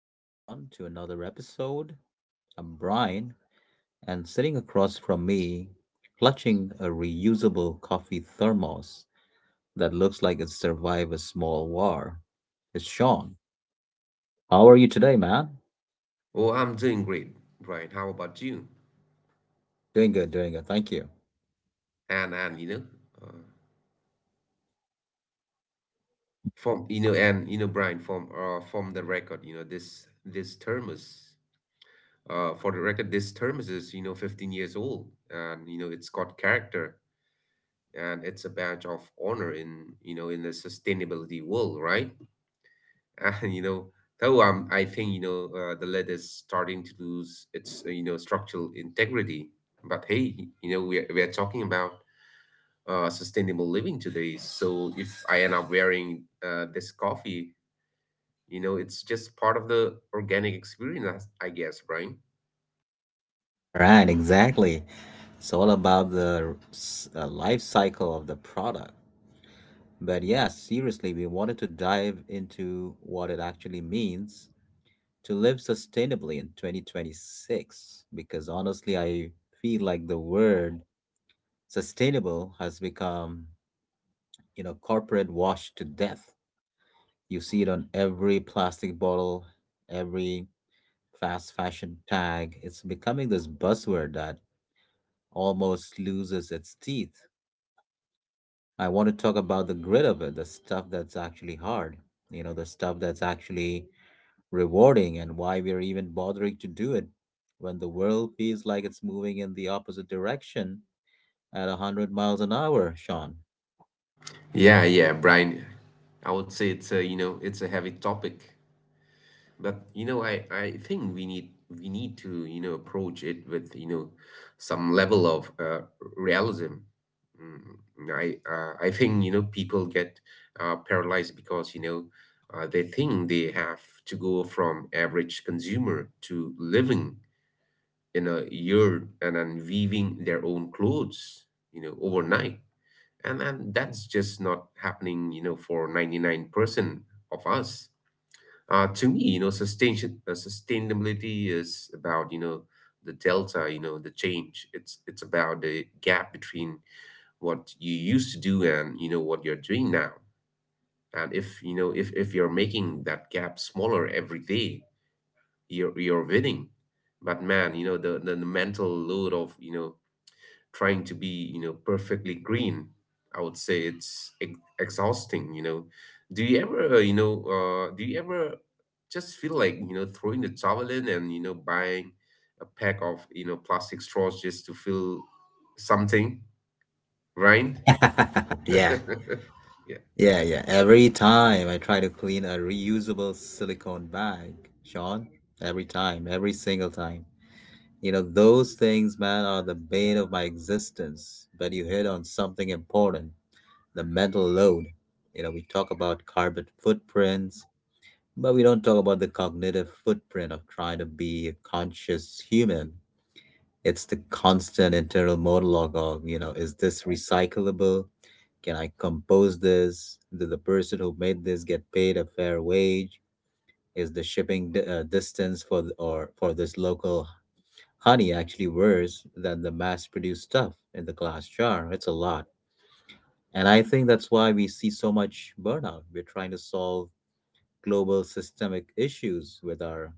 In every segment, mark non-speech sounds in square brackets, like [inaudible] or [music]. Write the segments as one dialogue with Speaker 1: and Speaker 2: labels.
Speaker 1: everyone, to another episode. I'm Brian, and sitting across from me, clutching a reusable coffee thermos that looks like it survived a small war, is Sean. How are you today, man?
Speaker 2: Oh, I'm doing great, Brian. How about you?
Speaker 1: Doing good, doing good. Thank you.
Speaker 2: And you know, uh, from you know, and you know, Brian, from the record, this thermos is 15 years old, and it's got character, and it's a badge of honor in you know in the sustainability world, right? [laughs] And you know, though I'm, I think the lead is starting to lose its structural integrity, but hey, we're talking about sustainable living today. So if I end up wearing this coffee, it's just part of the organic experience, I guess, Brian.
Speaker 1: Right, exactly. It's all about the life cycle of the product. But yeah, seriously, we wanted to dive into what it actually means to live sustainably in 2026, because honestly, I feel like the word sustainable has become, you know, corporate wash to death. You see it on every plastic bottle, every fast fashion tag. It's becoming this buzzword that almost loses its teeth. I want to talk about the grit of it, the stuff that's actually hard, you know, the stuff that's actually rewarding, and why we're even bothering to do it when the world feels like it's moving in the opposite direction at 100 miles an hour, Sean.
Speaker 2: Yeah, yeah, Brian. I would say it's a, it's a heavy topic, but I think we need to, approach it with, some level of realism. Mm, I think people get paralyzed because they think they have to go from average consumer to living in a yard and then weaving their own clothes overnight, and that's just not happening for 99% of us. To me sustainability is about the delta, the change. It's about the gap between what you used to do and what you're doing now, and if you're making that gap smaller every day, you're winning. But man, the mental load of trying to be perfectly green, I would say it's exhausting. Do you ever do you ever just feel like throwing the towel in and buying a pack of plastic straws just to feel something, right?
Speaker 1: [laughs] Yeah,
Speaker 2: [laughs]
Speaker 1: yeah. Every time I try to clean a reusable silicone bag, Sean, every time, every single time. You know, those things, man, are the bane of my existence. But you hit on something important: the mental load. You know, we talk about carbon footprints, but we don't talk about the cognitive footprint of trying to be a conscious human. It's the constant internal monologue of, you know, is this recyclable? Can I compose this? Did the person who made this get paid a fair wage? Is the shipping distance for th- or for this local honey actually worse than the mass-produced stuff in the glass jar? It's a lot. And I think that's why we see so much burnout. We're trying to solve global systemic issues with our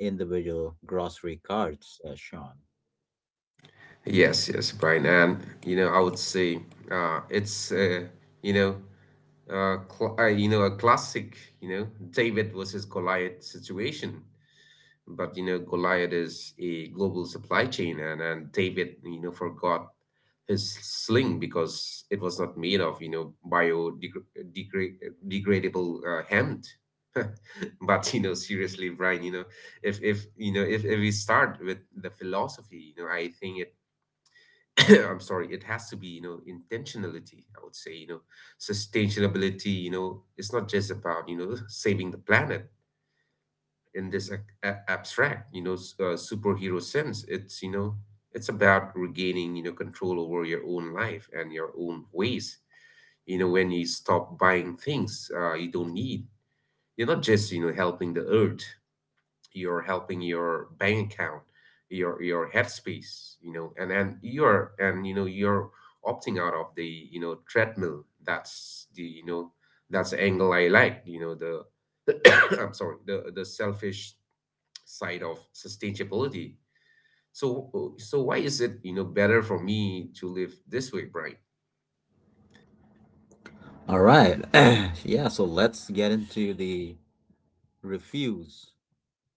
Speaker 1: individual grocery carts, Sean.
Speaker 2: Yes, yes, Brian, and I would say it's you know, cl you know, a classic, David versus Goliath situation. But Goliath is a global supply chain, and David, forgot his sling because it was not made of, biodegradable hemp. [laughs] But seriously, Brian, if we start with the philosophy, I think it — [coughs] [clears throat] I'm sorry, it has to be, intentionality, I would say. Sustainability, it's not just about, [laughs] saving the planet in this abstract, superhero sense. It's, it's about regaining, control over your own life and your own ways. You know, when you stop buying things you don't need, you're not just, helping the earth, you're helping your bank account, your headspace, and you're opting out of the treadmill. That's the that's the angle I like, the [coughs] I'm sorry, the selfish side of sustainability. So why is it better for me to live this way, Brian?
Speaker 1: All right. [clears throat] Yeah, so let's get into the refuse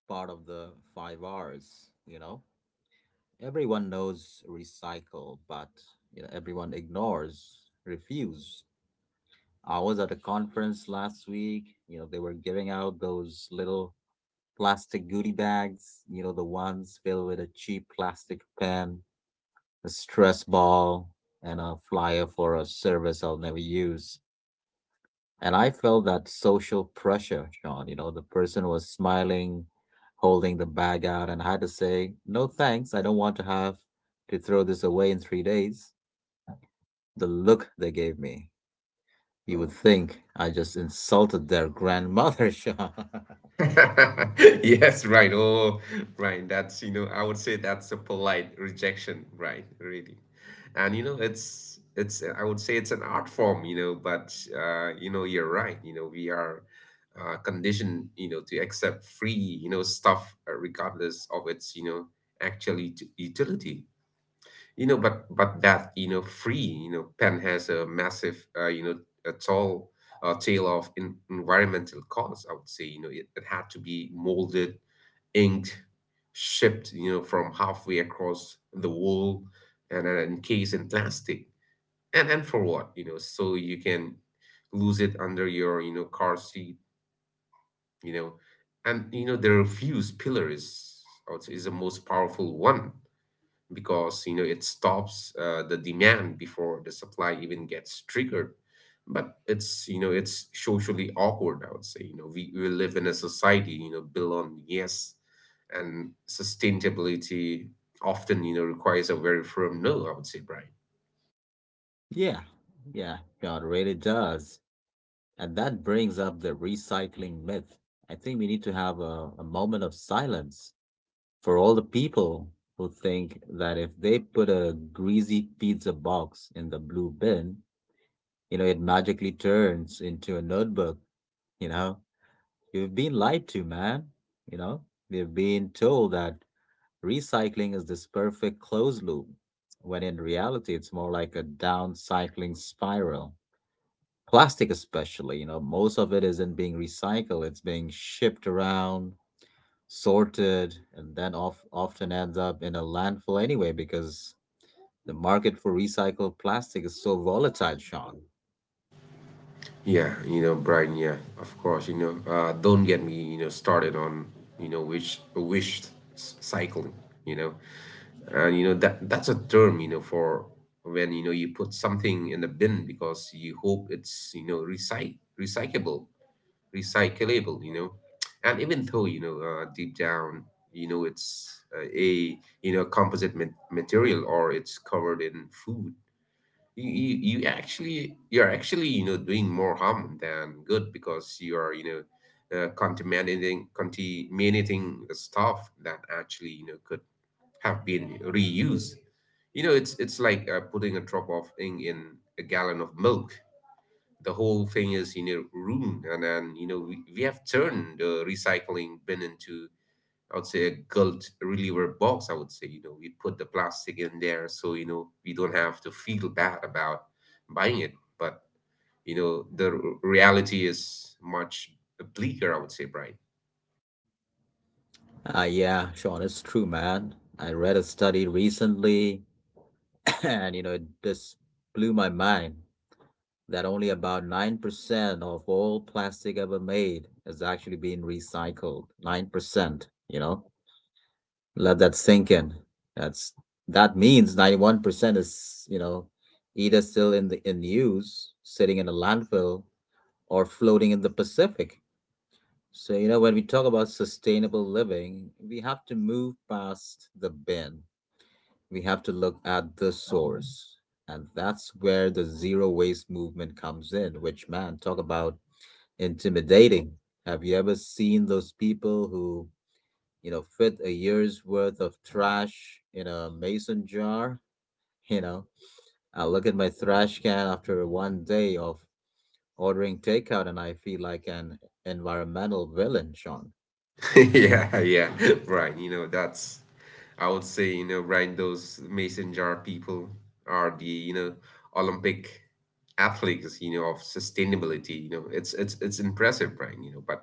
Speaker 1: part of the five R's. You know, everyone knows recycle, but, you know, everyone ignores refuse. I was at a conference last week, you know, they were giving out those little plastic goodie bags, you know, the ones filled with a cheap plastic pen, a stress ball, and a flyer for a service I'll never use. And I felt that social pressure, Sean. You know, the person was smiling, holding the bag out, and I had to say, no thanks, I don't want to have to throw this away in 3 days. The look they gave me, you would think I just insulted their grandmother, [laughs] Sean.
Speaker 2: [laughs] Yes, right. Oh, right. That's, I would say that's a polite rejection, right? Really. And, it's, I would say it's an art form, but you're right. You know, we are conditioned, to accept free, stuff regardless of its, actually ut utility. But that free pen has a massive, a tall tale of environmental costs, I would say. You know, it had to be molded, inked, shipped from halfway across the world, and then encased in plastic. And for what? So you can lose it under your car seat. you know and the refuse pillar is, I would say, is the most powerful one, because it stops the demand before the supply even gets triggered. But it's, it's socially awkward, I would say. We live in a society built on yes, and sustainability often requires a very firm no, I would say, Brian.
Speaker 1: Yeah, yeah, God really does. And that brings up the recycling myth. I think we need to have a moment of silence for all the people who think that if they put a greasy pizza box in the blue bin, you know, it magically turns into a notebook. You know, you've been lied to, man. You know, we've been told that recycling is this perfect closed loop, when in reality, it's more like a downcycling spiral. Plastic especially, you know, most of it isn't being recycled, it's being shipped around, sorted, and then often ends up in a landfill anyway, because the market for recycled plastic is so volatile, Sean.
Speaker 2: Yeah, Brian, yeah, of course. Don't get me started on you know wish wish cycling. you know and that that's a term for when you put something in the bin because you hope it's recyclable, recyclable you know and even though deep down it's a composite material, or it's covered in food, you actually — you're actually, doing more harm than good, because you are contaminating the stuff that actually could have been reused. It's like putting a drop of ink in a gallon of milk. The whole thing is ruined. And then we have turned the recycling bin into, I would say, a guilt reliever box. I would say we put the plastic in there so we don't have to feel bad about buying it. But the reality is much bleaker, I would say, Brian.
Speaker 1: Yeah, Sean, it's true, man. I read a study recently [coughs] [clears throat] and, you know, it just blew my mind that only about 9% of all plastic ever made is actually being recycled. 9%, you know. Let that sink in. That's, that means 91% is, you know, either still in the in use, sitting in a landfill, or floating in the Pacific. So, you know, when we talk about sustainable living, we have to move past the bin. We have to look at the source. And that's where the zero waste movement comes in, which, man, talk about intimidating. Have you ever seen those people who, you know, fit a year's worth of trash in a mason jar? [laughs] You know, I look at my trash can after one day of ordering takeout and I feel like an environmental villain, Sean.
Speaker 2: [laughs] Yeah, yeah, [laughs] Brian. You know, that's, I would say, Brian, those mason jar people are the, Olympic athletes, of sustainability. You know, it's impressive, Brian, but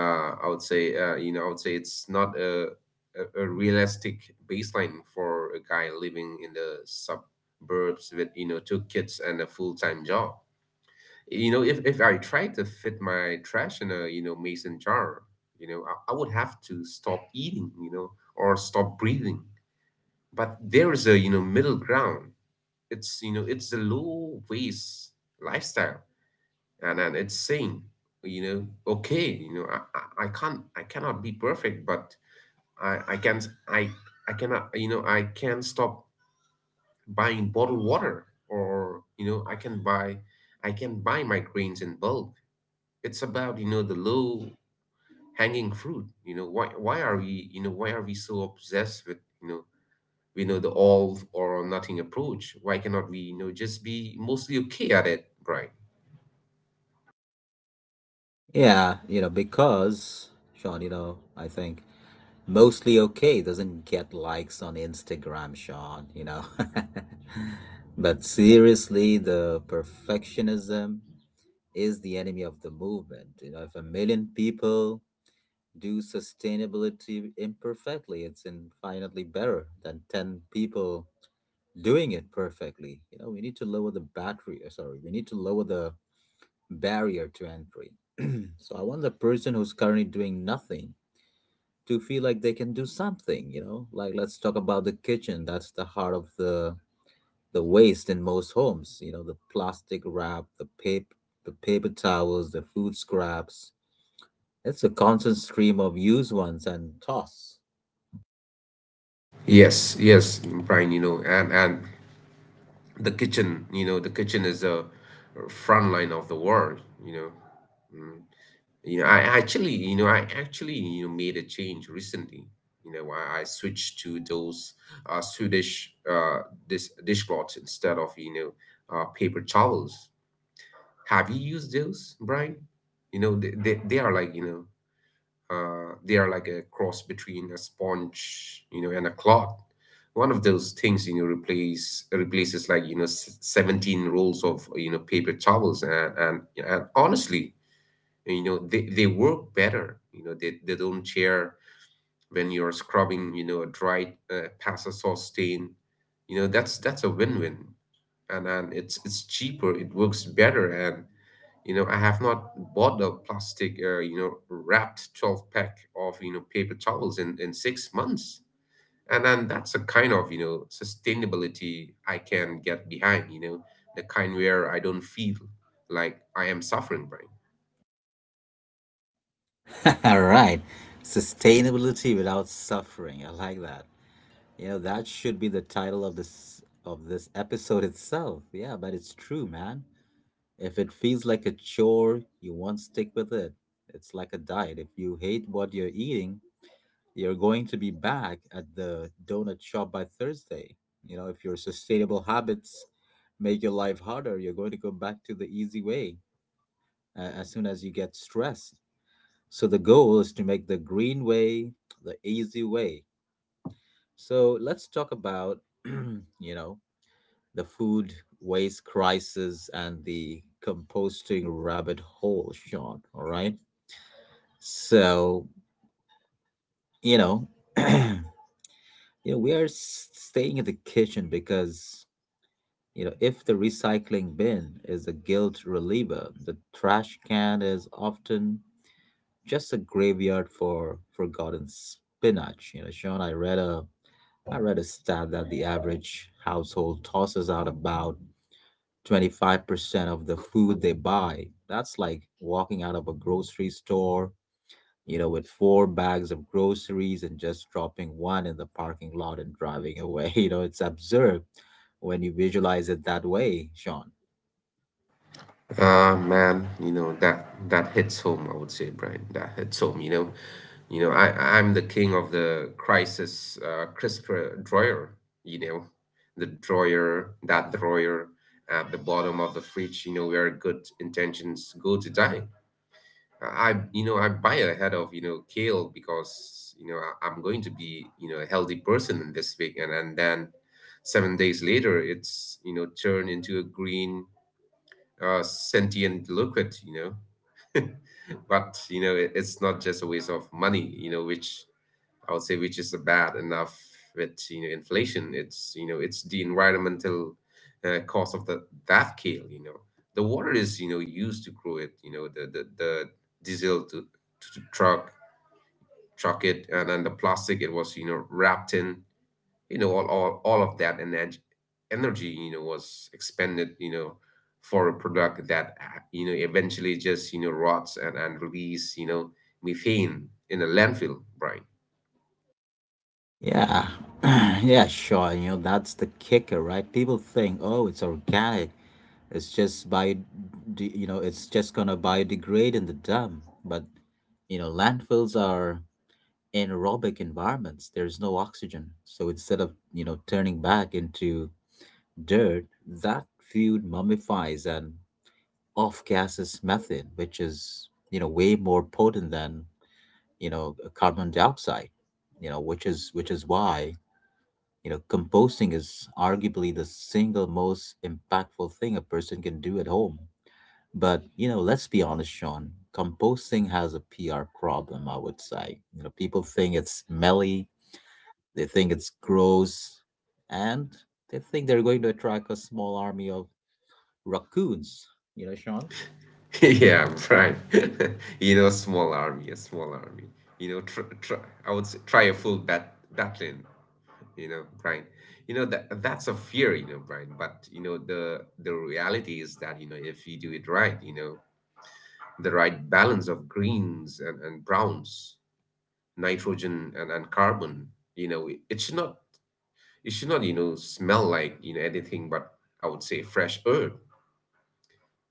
Speaker 2: I would say, I would say it's not a realistic baseline for a guy living in the suburbs with, two kids and a full time job. You know, if I tried to fit my trash in a, mason jar, I would have to stop eating, or stop breathing. But there is a, middle ground. It's, it's a low waste lifestyle. And it's saying, okay, I can't I cannot be perfect, but I, I can't I I cannot — I can stop buying bottled water, or I can buy my grains in bulk. It's about the low hanging fruit. Why are we, why are we so obsessed with you know we know the all or nothing approach? Why cannot we, just be mostly okay at it, Brian?
Speaker 1: Yeah, you know, because, Sean, you know, I think. Mostly okay doesn't get likes on Instagram, Sean, you know. [laughs] But seriously, the perfectionism is the enemy of the movement. You know, if a million people do sustainability imperfectly, it's infinitely better than 10 people doing it perfectly. You know, we need to lower the battery, sorry, we need to lower the barrier to entry. [clears throat] So I want the person who's currently doing nothing to feel like they can do something. You know, like, let's talk about the kitchen. That's the heart of the waste in most homes. You know, the plastic wrap, the paper, the paper towels, the food scraps, it's a constant stream of used ones and toss.
Speaker 2: Yes, yes, Brian. You know and The kitchen, the kitchen is a front line of the war. you know You know, I actually, made a change recently. You know, I switched to those Swedish dishcloths instead of, paper towels. Have you used those, Brian? You know, they are like, they are like a cross between a sponge, and a cloth. One of those things, replaces like, 17 rolls of, paper towels. And, and honestly, they work better. They don't tear when you're scrubbing a dried pasta sauce stain. That's a win-win. And it's cheaper, it works better, and I have not bought a plastic, wrapped 12 pack of paper towels in 6 months. And that's a kind of sustainability I can get behind, the kind where I don't feel like I am suffering by —
Speaker 1: [laughs] All right, sustainability without suffering, I like that. You know, that should be the title of this episode itself. Yeah, but it's true, man. If it feels like a chore, you won't stick with it. It's like a diet. If you hate what you're eating, you're going to be back at the donut shop by Thursday. You know, if your sustainable habits make your life harder, you're going to go back to the easy way as soon as you get stressed. So the goal is to make the green way the easy way. So let's talk about, [clears throat] you know, the food waste crisis and the composting rabbit hole, Sean. All right. So, you know, [clears throat] you know, we are staying in the kitchen because, you know, if the recycling bin is a guilt reliever, the trash can is often just a graveyard for forgotten spinach. You know, Sean, I read a stat that the average household tosses out about 25% of the food they buy. That's like walking out of a grocery store, you know, with four bags of groceries and just dropping one in the parking lot and driving away. [laughs] You know, it's absurd when you visualize it that way, Sean.
Speaker 2: Ah, man, that hits home, I would say, Brian. That hits home. You know, I I'm the king of the crisis crisper drawer. You know, the drawer that drawer at the bottom of the fridge, where good intentions go to die. I you know I buy a head of kale because I'm going to be a healthy person in this week, and then 7 days later it's turned into a green, sentient liquid. [laughs] But it's not just a waste of money, which, I would say, which is bad enough with, inflation. It's you know it's the environmental cost of the that kale. The water is used to grow it. The diesel to truck it, and then the plastic it was wrapped in. All of that energy was expended. For a product that eventually just rots and release methane in a landfill, Brian.
Speaker 1: Yeah. [clears throat] Yeah, sure. You know, that's the kicker, right? People think, oh, it's organic, it's just you know, it's just gonna biodegrade in the dump. But, you know, landfills are anaerobic environments. There's no oxygen, so instead of, you know, turning back into dirt, that fluid mummifies and off gases methane, which is, you know, way more potent than, you know, carbon dioxide. You know, which is why, you know, composting is arguably the single most impactful thing a person can do at home. But, you know, let's be honest, Sean, composting has a PR problem, I would say. You know, people think it's smelly, they think it's gross, and they think they're going to attract a small army of raccoons. You know, Sean?
Speaker 2: [laughs] Yeah, Brian. [laughs] Small army a small army, I would say, try a full battling, Brian. That's a fear, Brian, but the reality is that, if you do it right, the right balance of greens and, browns, nitrogen and carbon. It should not, smell like, anything but, I would say, fresh herb.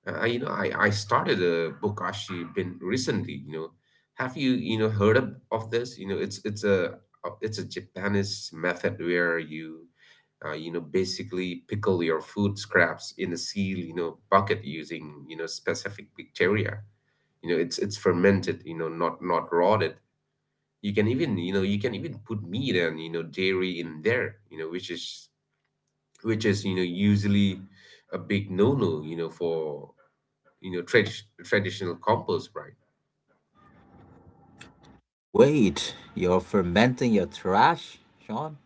Speaker 2: I, you know, I started a bokashi bin recently. Have you, heard of this? It's a Japanese method where you basically pickle your food scraps in a seal, bucket using, specific bacteria. It's fermented, not rotted. You can even put meat and, dairy in there, which is, usually a big no-no, for, traditional compost, right?
Speaker 1: Wait, you're fermenting your trash, Sean?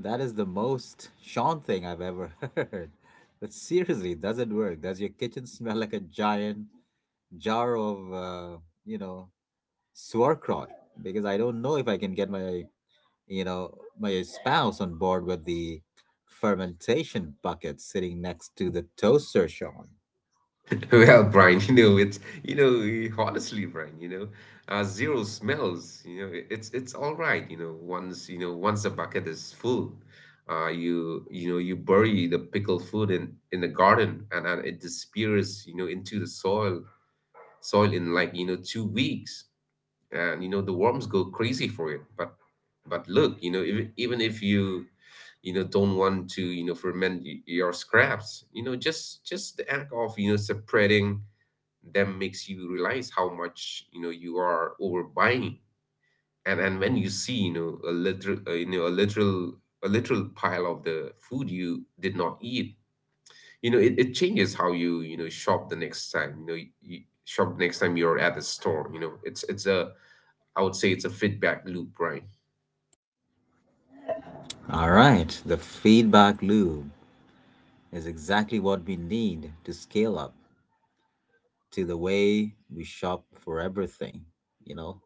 Speaker 1: That is the most Sean thing I've ever [laughs] heard. But seriously, does it work? Does your kitchen smell like a giant jar of, you know, sauerkraut? Because I don't know if I can get my, you know, my spouse on board with the fermentation bucket sitting next to the toaster, Sean.
Speaker 2: [laughs] Well, Brian, you know, it's you know, eh, honestly, Brian, zero smells, it's all right, once the bucket is full, you bury the pickled food in the garden, and it disappears, into the soil in, like, 2 weeks. And, the worms go crazy for it. But look, even if you, you know don't want to, ferment your scraps, just the act of, separating them makes you realize how much, you are overbuying. And when you see, you know, a literal you know a literal pile of the food you did not eat, it changes how you, you know shop the next time. You shop next time you're at the store. You know it's a I would say it's a feedback loop, right?
Speaker 1: All right, the feedback loop is exactly what we need to scale up to the way we shop for everything, you know.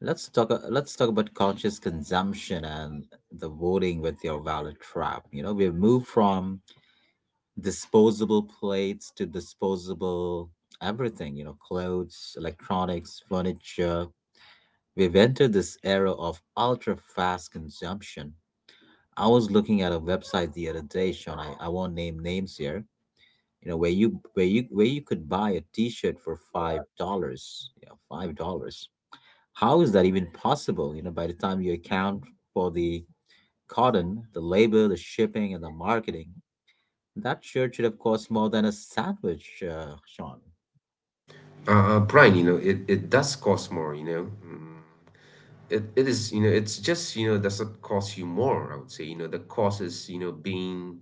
Speaker 1: Let's talk about conscious consumption and the voting with your wallet trap. You know, we've moved from disposable plates to disposable everything. You know, clothes, electronics, furniture. We've entered this era of ultra fast consumption. I was looking at a website the other day, Sean. I won't name names here. You know, where you could buy a T-shirt for $5. Yeah, $5, how is that even possible? You know, by the time you account for the cotton, the labor, the shipping, and the marketing, that shirt should have cost more than a sandwich, Sean.
Speaker 2: Brian, it does cost more. It is, you know, it's just, you know, does not cost you more, I would say. The cost is, being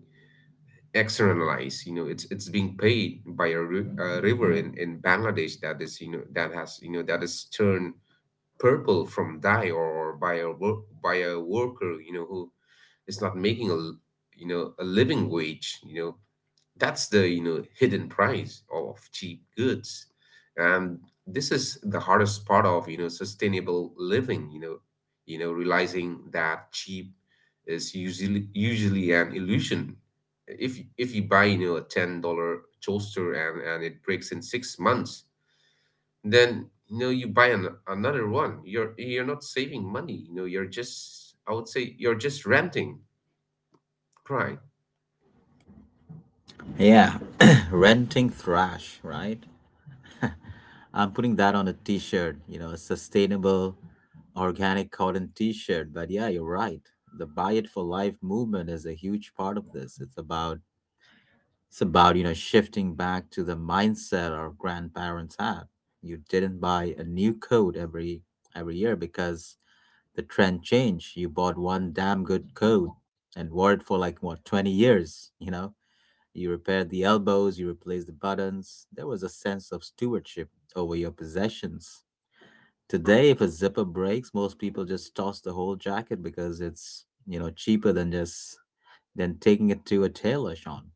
Speaker 2: externalized. It's being paid by a river in Bangladesh that is, you know that has you know that is turned purple from dye. Or by a worker, who is not making a living wage. That's the, hidden price of cheap goods. And this is the hardest part of, sustainable living. Realizing that cheap is usually an illusion. If you buy, a $10 toaster, and it breaks in 6 months, then, you buy another one. You're not saving money. You know you're just i would say you're just renting, right?
Speaker 1: Yeah, [clears throat] renting thrash, right? I'm putting that on a t-shirt, you know, a sustainable organic cotton t-shirt. But yeah, you're right. The Buy It for Life movement is a huge part of this. It's about you know, shifting back to the mindset our grandparents had. You didn't buy a new coat every year because the trend changed. You bought one damn good coat and wore it for like what, 20 years, you know? You repaired the elbows, you replaced the buttons. There was a sense of stewardship over your possessions. Today, if a zipper breaks, most people just toss the whole jacket because it's, you know, cheaper than just than taking it to a tailor, Sean.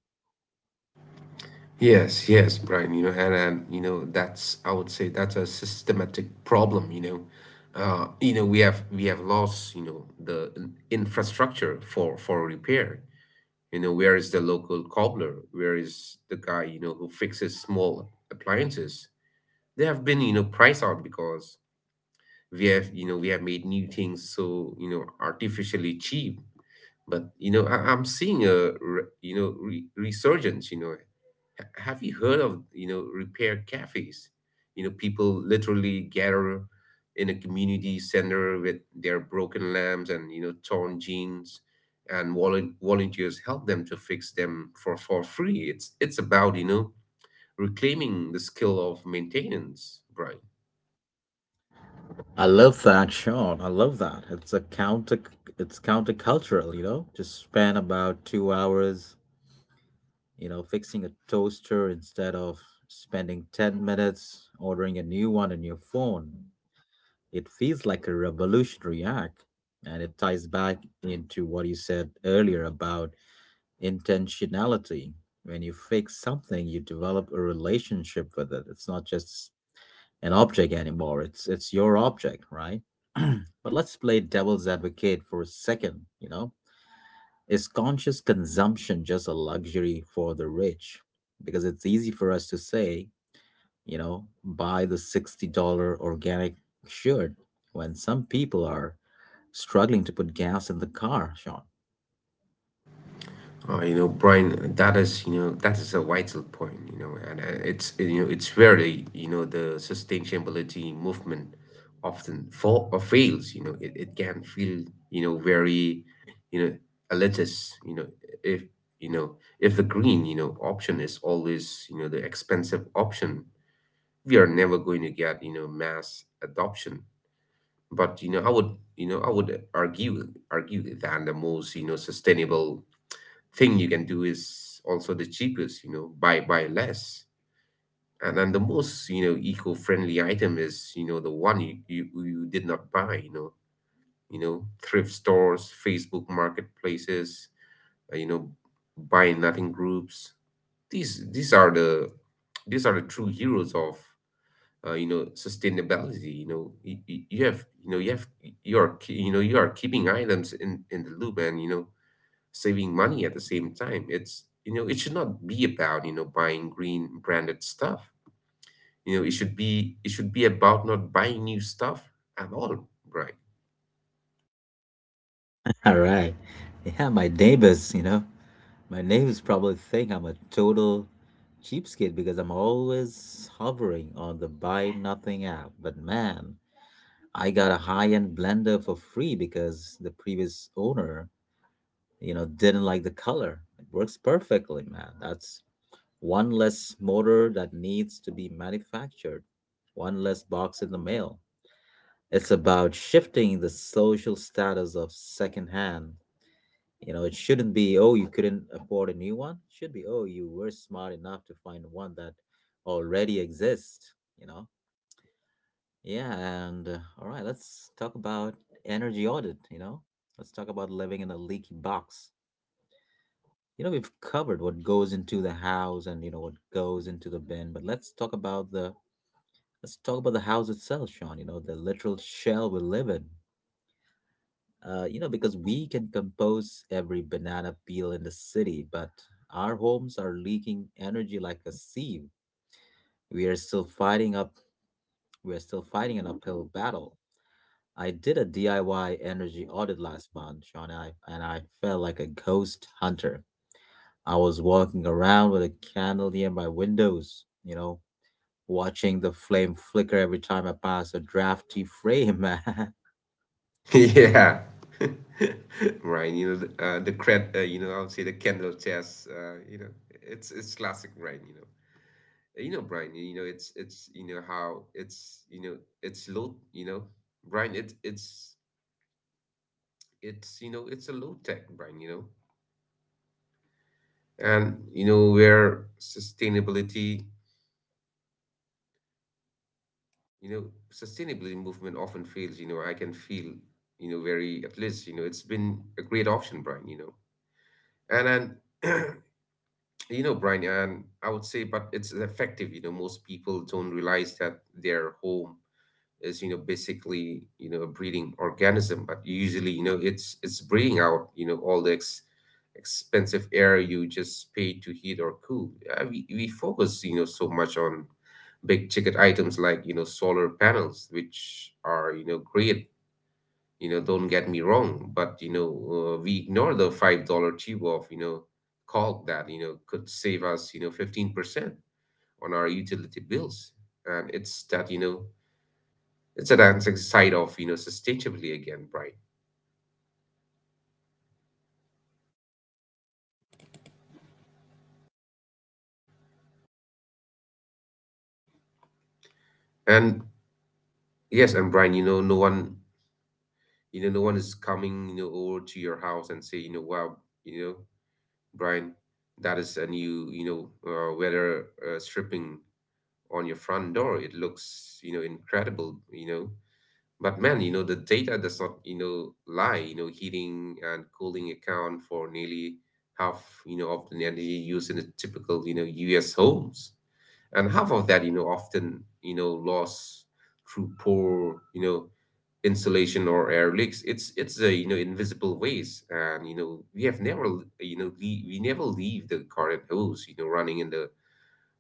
Speaker 2: Yes, yes, Brian, and, you know, that's I would say, that's a systematic problem, we have lost, the infrastructure for repair. Where is the local cobbler? Where is the guy, who fixes small appliances? They have been, priced out because we have made new things so, artificially cheap. But, I'm seeing a, re- you know, re resurgence, have you heard of, repair cafes? People literally gather in a community center with their broken lamps and, torn jeans, and volunteers help them to fix them for free. It's about, reclaiming the skill of maintenance, right?
Speaker 1: I love that, Sean. I love that. It's a countercultural, you know? Just spend about 2 hours, you know, fixing a toaster instead of spending 10 minutes ordering a new one on your phone. It feels like a revolutionary act, and it ties back into what you said earlier about intentionality. When you fix something, you develop a relationship with it. It's not just an object anymore. It's your object, right? [clears throat] But let's play devil's advocate for a second, Is conscious consumption just a luxury for the rich? Because it's easy for us to say, buy the $60 organic shirt when some people are struggling to put gas in the car, Sean.
Speaker 2: Brian, that is a vital point, and it's where, the sustainability movement often fall or fails, it can feel, very, you know, elitist, if, you know, if the green, option is always, the expensive option, we are never going to get, mass adoption. But, I would argue that the most, sustainable thing you can do is also the cheapest. Buy less, and then the most, eco-friendly item is, the one you did not buy. Thrift stores, Facebook marketplaces, uh, you know buy nothing groups. These these are the these are the true heroes of, sustainability, you have, you are you are keeping items in the loop and, saving money at the same time. It's you know it should not be about, buying green branded stuff. It should be about not buying new stuff at all, right?
Speaker 1: [laughs] All right. Yeah, my neighbors, my neighbors probably think I'm a total cheapskate because I'm always hovering on the buy nothing app. But man, I got a high-end blender for free because the previous owner, didn't like the color. It works perfectly, man. That's one less motor that needs to be manufactured, one less box in the mail. It's about shifting the social status of secondhand. You know, it shouldn't be, oh, you couldn't afford a new one. It should be, oh, you were smart enough to find one that already exists? Yeah, and all right, let's talk about energy audit, Let's talk about living in a leaky box. You know, we've covered what goes into the house and you know what goes into the bin, but let's talk about the house itself, Sean, you know, the literal shell we live in. Because we can compose every banana peel in the city, but our homes are leaking energy like a sieve. We are still fighting up we are still fighting an uphill battle. I did a DIY energy audit last month, Sean, and I felt like a ghost hunter. I was walking around with a candle near my windows, you know, watching the flame flicker every time I pass a drafty frame. [laughs]
Speaker 2: [laughs] Yeah. [laughs] Right, you know the cred, you know I would say, the candle chess, it's classic, right? Brian, you know it's you know how it's, you know, it's low, Brian, it's a low tech, Brian, And, you know where sustainability you know sustainability movement often fails, I can feel, very, at least, it's been a great option, Brian. and and [clears throat] Brian, and, I would say, but it's effective. Most people don't realize that their home is, you know basically you know a breeding organism, but usually, it's breeding out, all the expensive air you just pay to heat or cool. We focus, so much on big ticket items like, solar panels, which are, great, don't get me wrong, but, we ignore the $5 tube of, caulk that, could save us, 15% on our utility bills. And it's that, it's a dancing side of, sustainability, again, Brian. And yes, and Brian, no one is coming, over to your house and say, wow, you know Brian, that is a new, weather stripping on your front door, it looks, incredible. But man, the data does not, lie. Heating and cooling account for nearly half, of the energy used in a typical, US homes. And half of that, often, lost through poor, insulation or air leaks. It's a, invisible waste. And, you know, we have never l- you know le we never leave the garden hose, running in the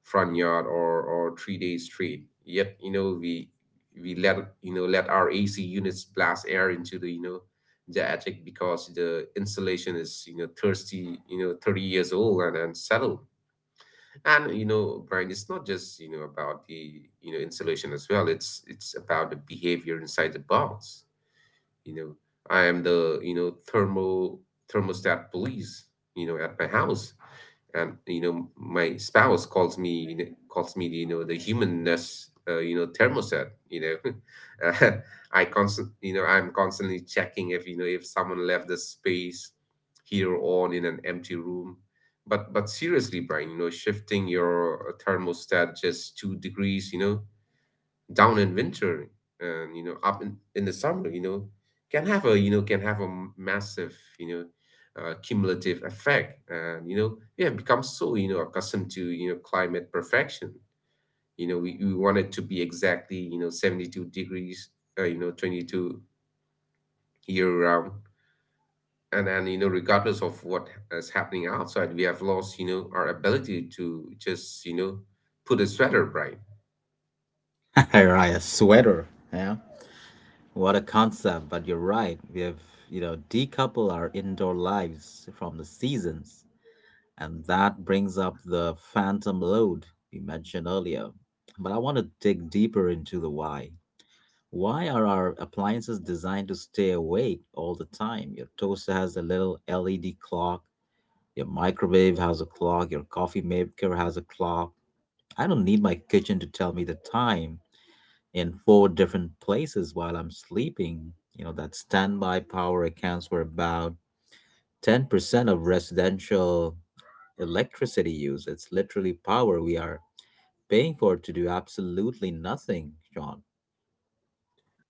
Speaker 2: front yard or 3 days straight, yet, we let, let our AC units blast air into the you know the attic because the insulation is, thirsty, 30 years old and unsettled. And, Brian, it's not just, about the, installation as well. It's about the behavior inside the box. You know, I am the, thermostat police, at my house, and, my spouse calls me, the humanness, thermostat. [laughs] uh, I'm constantly checking if you know if someone left the space here on, in an empty room. But seriously, Brian, shifting your thermostat just 2 degrees, down in winter, and, up in the summer, can have a massive, cumulative effect. And, we have become so, accustomed to, climate perfection. We want it to be exactly, 72 degrees, 22, year round, and, regardless of what is happening outside, we have lost, our ability to just, put a sweater, right?
Speaker 1: I write a sweater, yeah. What a concept, but you're right. We have, decoupled our indoor lives from the seasons. And that brings up the phantom load we mentioned earlier. But I want to dig deeper into the why. Why are our appliances designed to stay awake all the time? Your toaster has a little LED clock, your microwave has a clock, your coffee maker has a clock. I don't need my kitchen to tell me the time in four different places while I'm sleeping. You know, that standby power accounts for about 10% of residential electricity use. It's literally power we are paying for to do absolutely nothing, Sean.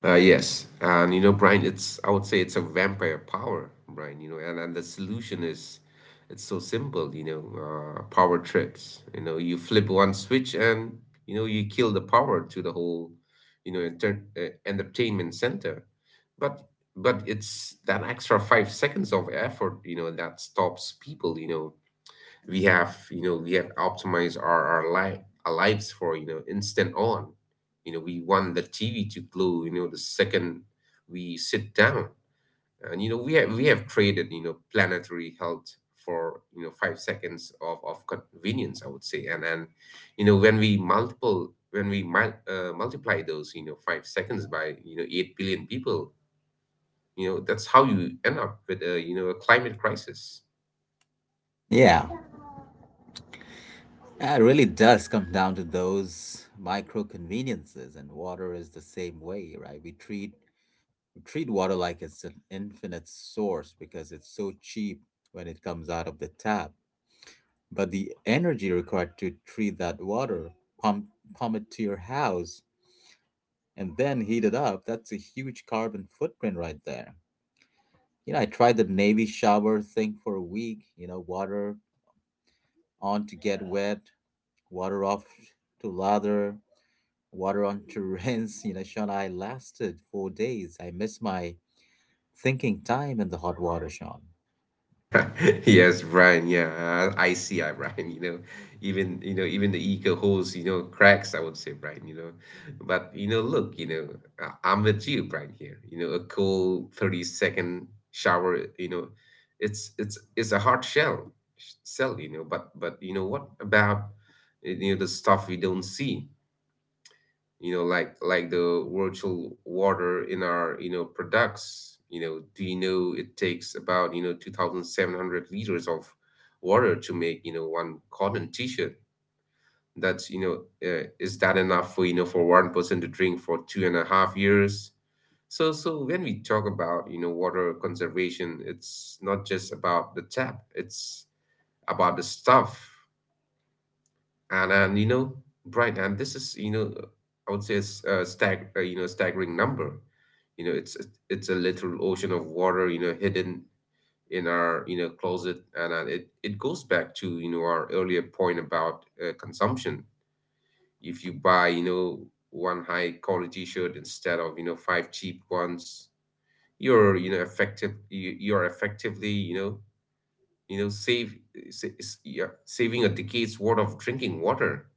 Speaker 2: Yes, and, Brian, it's I would say it's a vampire power, Brian. And the solution is, it's so simple. Power trips. You flip one switch, and you kill the power to the whole, entertainment center. But but it's that extra 5 seconds of effort, that stops people. We have optimized our our lives for instant on. We want the TV to glow the second we sit down. And we have traded planetary health for 5 seconds of convenience, I would say. And when we multiple when we mul- multiply those 5 seconds by 8 billion people, that's how you end up with a a climate crisis.
Speaker 1: Yeah. Yeah, it really does come down to those micro conveniences, and water is the same way, right? We treat water like it's an infinite source because it's so cheap when it comes out of the tap. But the energy required to treat that water, pump pump it to your house, and then heat it up, that's a huge carbon footprint right there. You know, I tried the Navy shower thing for a week, you know, water on to get wet, water off to lather, water on Turin's [laughs] you know, Sean, I lasted 4 days. I miss my thinking time in the hot water, Sean.
Speaker 2: [laughs] Yes, Brian. Yeah, I see, I Brian. Even even the eco holes, cracks, I would say, Brian. Look, I'm with you, Brian. Here, a cool 30-second shower. It's a hard sell. You know, but you know what about the stuff we don't see? Like the virtual water in our products. Do you know it takes about 2,700 liters of water to make one cotton t-shirt. That's you know uh, is that enough for for one person to drink for 2.5 years? So when we talk about water conservation, it's not just about the tap, it's about the stuff. And Brian, and this is, I would say, it's a staggering number. You know it's it's a literal ocean of water, hidden in our closet, and it goes back to our earlier point about consumption. If you buy one high quality shirt instead of five cheap ones, you're you're effectively you know save yeah, saving a decade's worth of drinking water.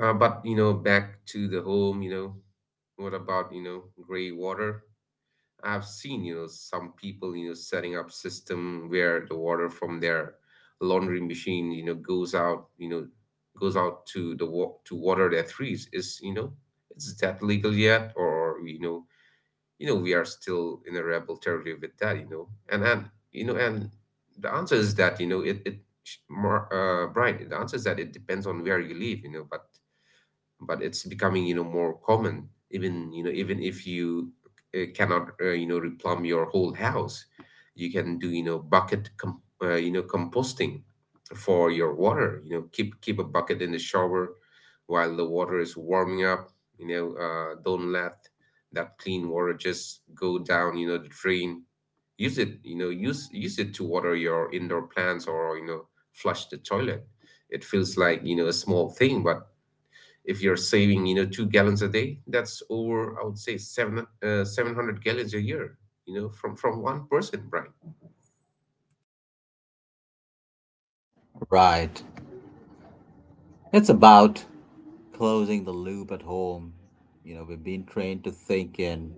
Speaker 2: But back to the home, what about, gray water? I've seen, some people, setting up system where the water from their laundry machine, goes out to to water their trees. Is, is that legal yet? Or, we are still in a rebel territory with that. And the answer is that, you know, it sh- more Brian, the answer is that it depends on where you live, but it's becoming more common. Even even if you cannot replumb your whole house, you can do you know bucket com- you know composting for your water. Keep a bucket in the shower while the water is warming up. Don't let that clean water just go down the drain. Use it, use it to water your indoor plants, or flush the toilet. It feels like a small thing, but if you're saving 2 gallons a day, that's over, I would say, seven 700 gallons a year, from one person, Brian.
Speaker 1: Right. It's about closing the loop at home. You know, we've been trained to think in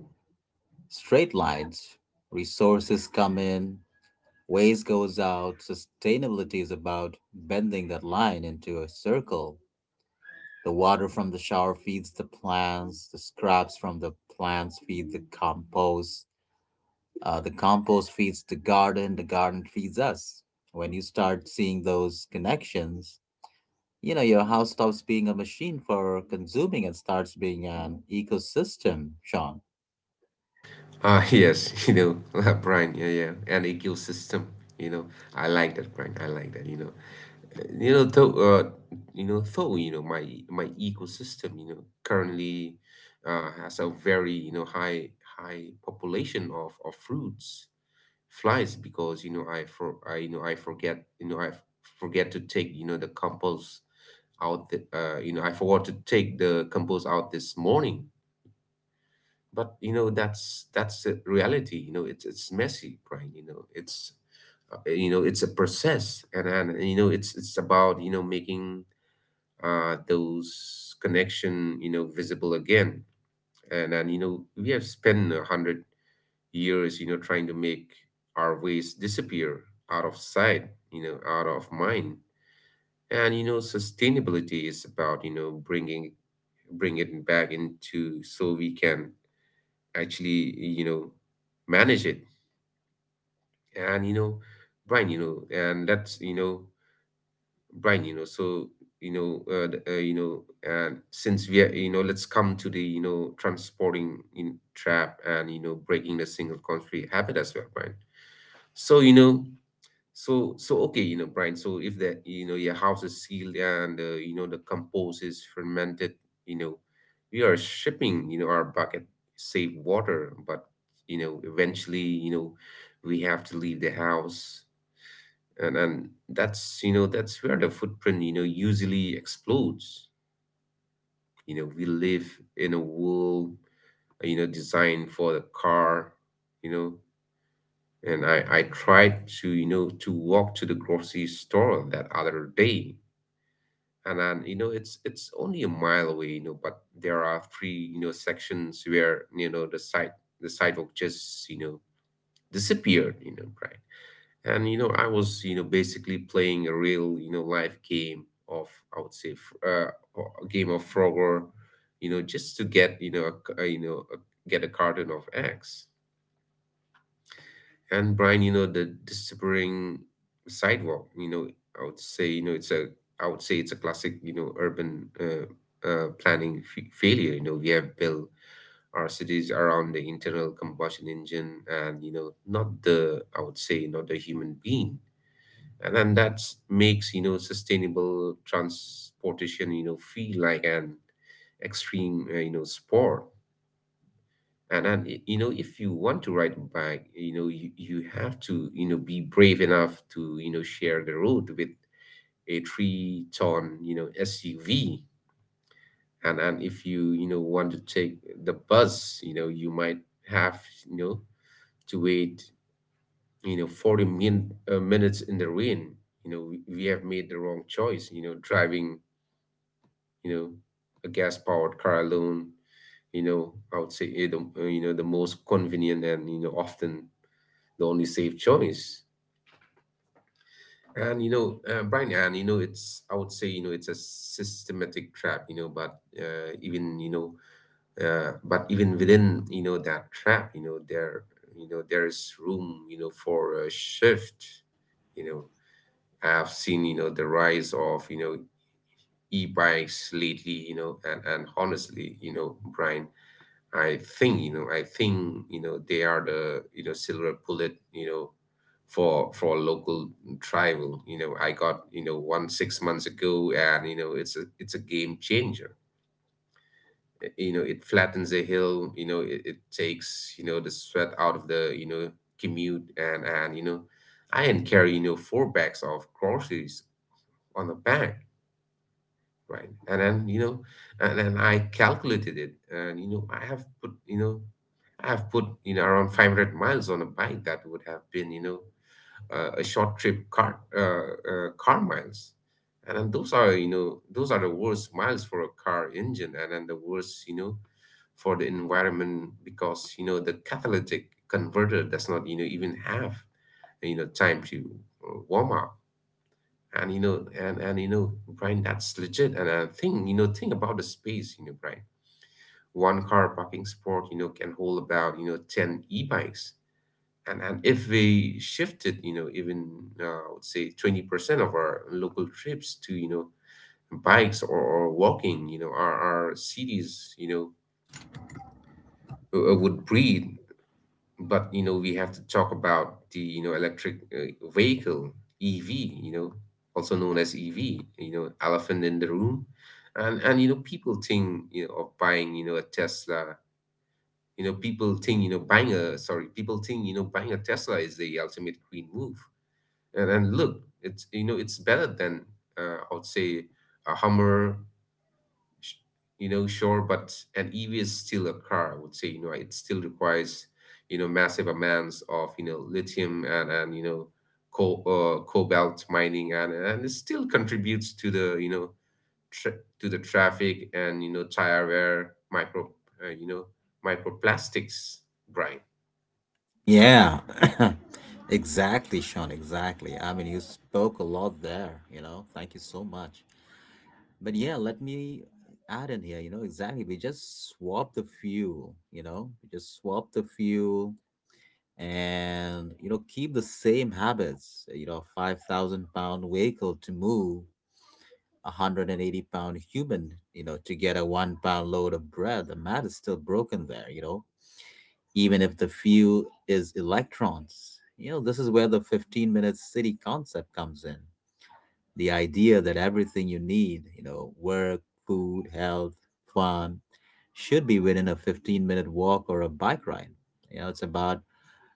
Speaker 1: straight lines. Resources come in, waste goes out. Sustainability is about bending that line into a circle. The water from the shower feeds the plants. The scraps from the plants feed the compost. The compost feeds the garden. The garden feeds us. When you start seeing those connections, you know, your house stops being a machine for consuming and starts being an ecosystem, Sean.
Speaker 2: Ah, [laughs] yes, [laughs] Brian. Yeah, yeah, an ecosystem. You know i like that, Brian. I like that. You know Uh, you know though uh, you know though my ecosystem, currently has a very high population of fruits flies, because you know I for I you know I forget you know I f- forget to take you know the compost out the, you know I forgot to take the compost out this morning. But that's the reality. It's messy, Brian. It's a process, and it's about making those connection visible again. And we have spent 100 years, trying to make our waste disappear, out of sight, out of mind. And sustainability is about bring it back into so we can actually manage it. And you know, Brian, you know, and let's you know, Brian, you know, so you know, the- you know, and since we are, let's come to the transporting in trap and breaking the single country habit as well, Brian. So you know so, okay, Brian. If that, your house is sealed and the compost is fermented, you know, we are shipping, our bucket safe water. But eventually, we have to leave the house, and that's that's where the footprint, usually explodes. We live in a world, designed for the car. You know, And I, I tried to, to walk to the grocery store that other day. And then, it's only a mile away, but there are three, sections where, the sidewalk just, disappeared, right? And I was, basically playing a real, life game of, I would say, a game of Frogger, you know, just to get, you know, a, c- you know, a, get a carton of eggs. And Brian, the disappearing sidewalk, I would say, it's a, I would say, it's a classic, urban planning failure. We have built our cities around the internal combustion engine and, not the, I would say, not the human being. And then that makes, sustainable transportation, feel like an extreme, sport. And if you want to ride a bike, you have to be brave enough to share the road with a 3-ton SUV. And if you you know want to take the bus, you might have you know to wait minutes in the rain. We have made the wrong choice, driving you know a gas powered car alone, I would say, the most convenient and often the only safe choice. And Brian, it's, I would say, it's a systematic trap, but but even within that trap, you know there's room for a shift. You know, I've seen the rise of e-bikes lately, and honestly, Brian, I think they are the, silver bullet, for local travel. I got one 6 months ago, and it's a game changer. It flattens the hill, it takes the sweat out of the commute, and I can carry four bags of groceries on the back, right? And then I calculated it, and I have put around 500 miles on a bike that would have been, a short trip car, car miles. And then those are the worst miles for a car engine, and then the worst for the environment, because the catalytic converter does not even have time to warm up. And Brian, that's legit. And I think think about the space, Brian. One car parking spot can hold about 10 e-bikes. And if we shifted even, I would say, 20% of our local trips to, bikes or walking, our cities would breathe. But we have to talk about the electric vehicle, EV. you know Also known as EV, elephant in the room. And people think of buying a Tesla. You know people think you know buying a sorry people think buying a Tesla is the ultimate green move. And look, it's it's better than I would say a Hummer. sh- sure. But an EV is still a car, I would say. It still requires massive amounts of lithium, and cobalt mining, and it still contributes to the to the traffic, and tire wear, micro, uh, you know microplastics, Brian.
Speaker 1: Yeah, [coughs] exactly, Sean. Exactly. I mean, you spoke a lot there, you know. Thank you so much. But yeah, let me add in here, you know, exactly. We just swap the fuel and, you know, keep the same habits, you know, 5,000 pound vehicle to move a 180 pound human, you know, to get a 1 pound load of bread. The math is still broken there, you know, even if the fuel is electrons. You know, this is where the 15-minute city concept comes in, the idea that everything you need, you know, work, food, health, fun, should be within a 15-minute walk or a bike ride. You know, it's about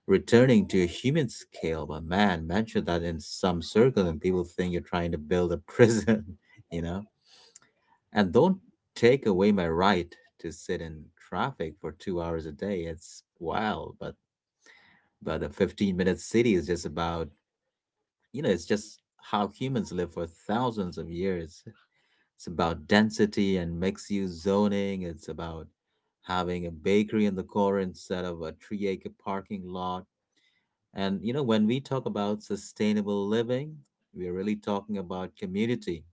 Speaker 1: returning to a human scale. But man, mention that in some circles and people think you're trying to build a prison, [laughs] you know? And don't take away my right to sit in traffic for 2 hours a day. It's wild, but a 15-minute city is just about you know it's just how humans live for thousands of years. It's about density and mixed use zoning. It's about having a bakery in the core instead of a 3 acre parking lot. And, you know, when we talk about sustainable living, we're really talking about community.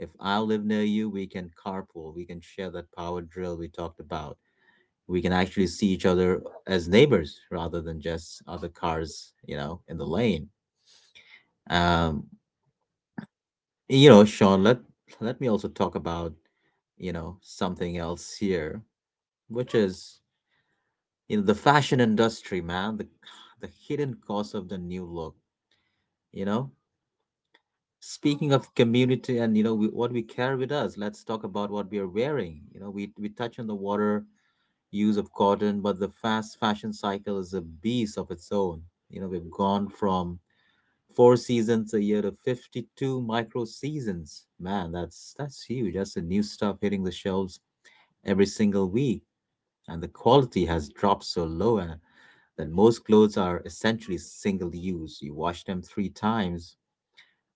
Speaker 1: If I live near you, we can carpool, we can share that power drill we talked about. We can actually see each other as neighbors rather than just other cars, you know, in the lane. Um, you know, Sean, let me also talk about you know something else here which is you know the fashion industry, man. The hidden cost of the new look, you know, speaking of community and you know what we carry with us. Let's talk about what we are wearing. You know, we touch on the water use of cotton, but the fast fashion cycle is a beast of its own. You know, we've gone from four seasons a year to 52 micro seasons, man. That's huge. That's the new stuff hitting the shelves every single week, and the quality has dropped so low and that most clothes are essentially single use. You wash them three times,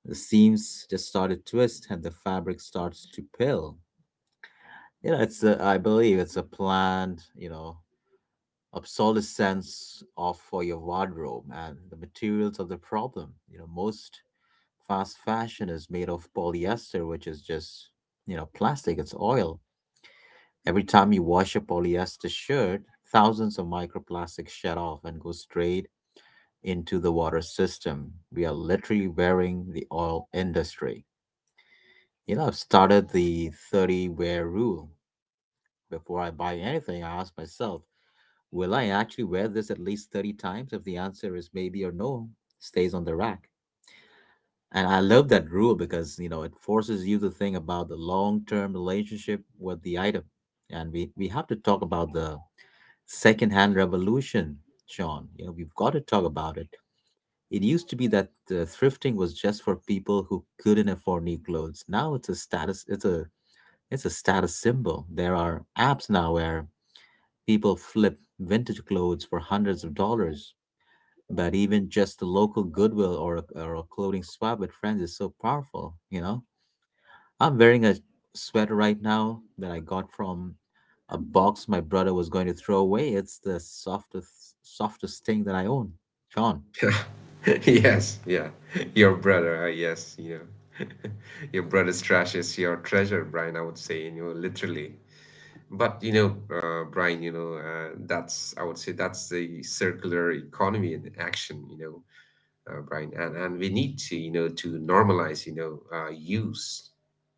Speaker 1: the seams just start to twist and the fabric starts to pill. You know, it's a, I believe it's a planned, you know, obsolescence of for your wardrobe, and the materials are the problem. You know, most fast fashion is made of polyester, which is just, you know, plastic, it's oil. Every time you wash a polyester shirt, thousands of microplastic shed off and go straight into the water system. We are literally wearing the oil industry. You know, I've started the 30 wear rule. Before I buy anything, I ask myself, will I actually wear this at least 30 times? If the answer is maybe or no, stays on the rack. And I love that rule because, you know, it forces you to think about the long term relationship with the item. And we have to talk about the secondhand revolution, Sean. You know, we've got to talk about it. It used to be that thrifting was just for people who couldn't afford new clothes. Now it's a status, it's a status symbol. There are apps now where people flip vintage clothes for hundreds of dollars. But even just the local Goodwill or a clothing swap with friends is so powerful, you know? I'm wearing a sweater right now that I got from a box my brother was going to throw away. It's the softest thing that I own. John.
Speaker 2: [laughs] Yeah. Yes, yeah, your brother, yes, [laughs] your brother's trash is your treasure, Brian, I would say, literally. But Brian, that's, I would say, that's the circular economy in action. Brian, and we need to, to normalize, use,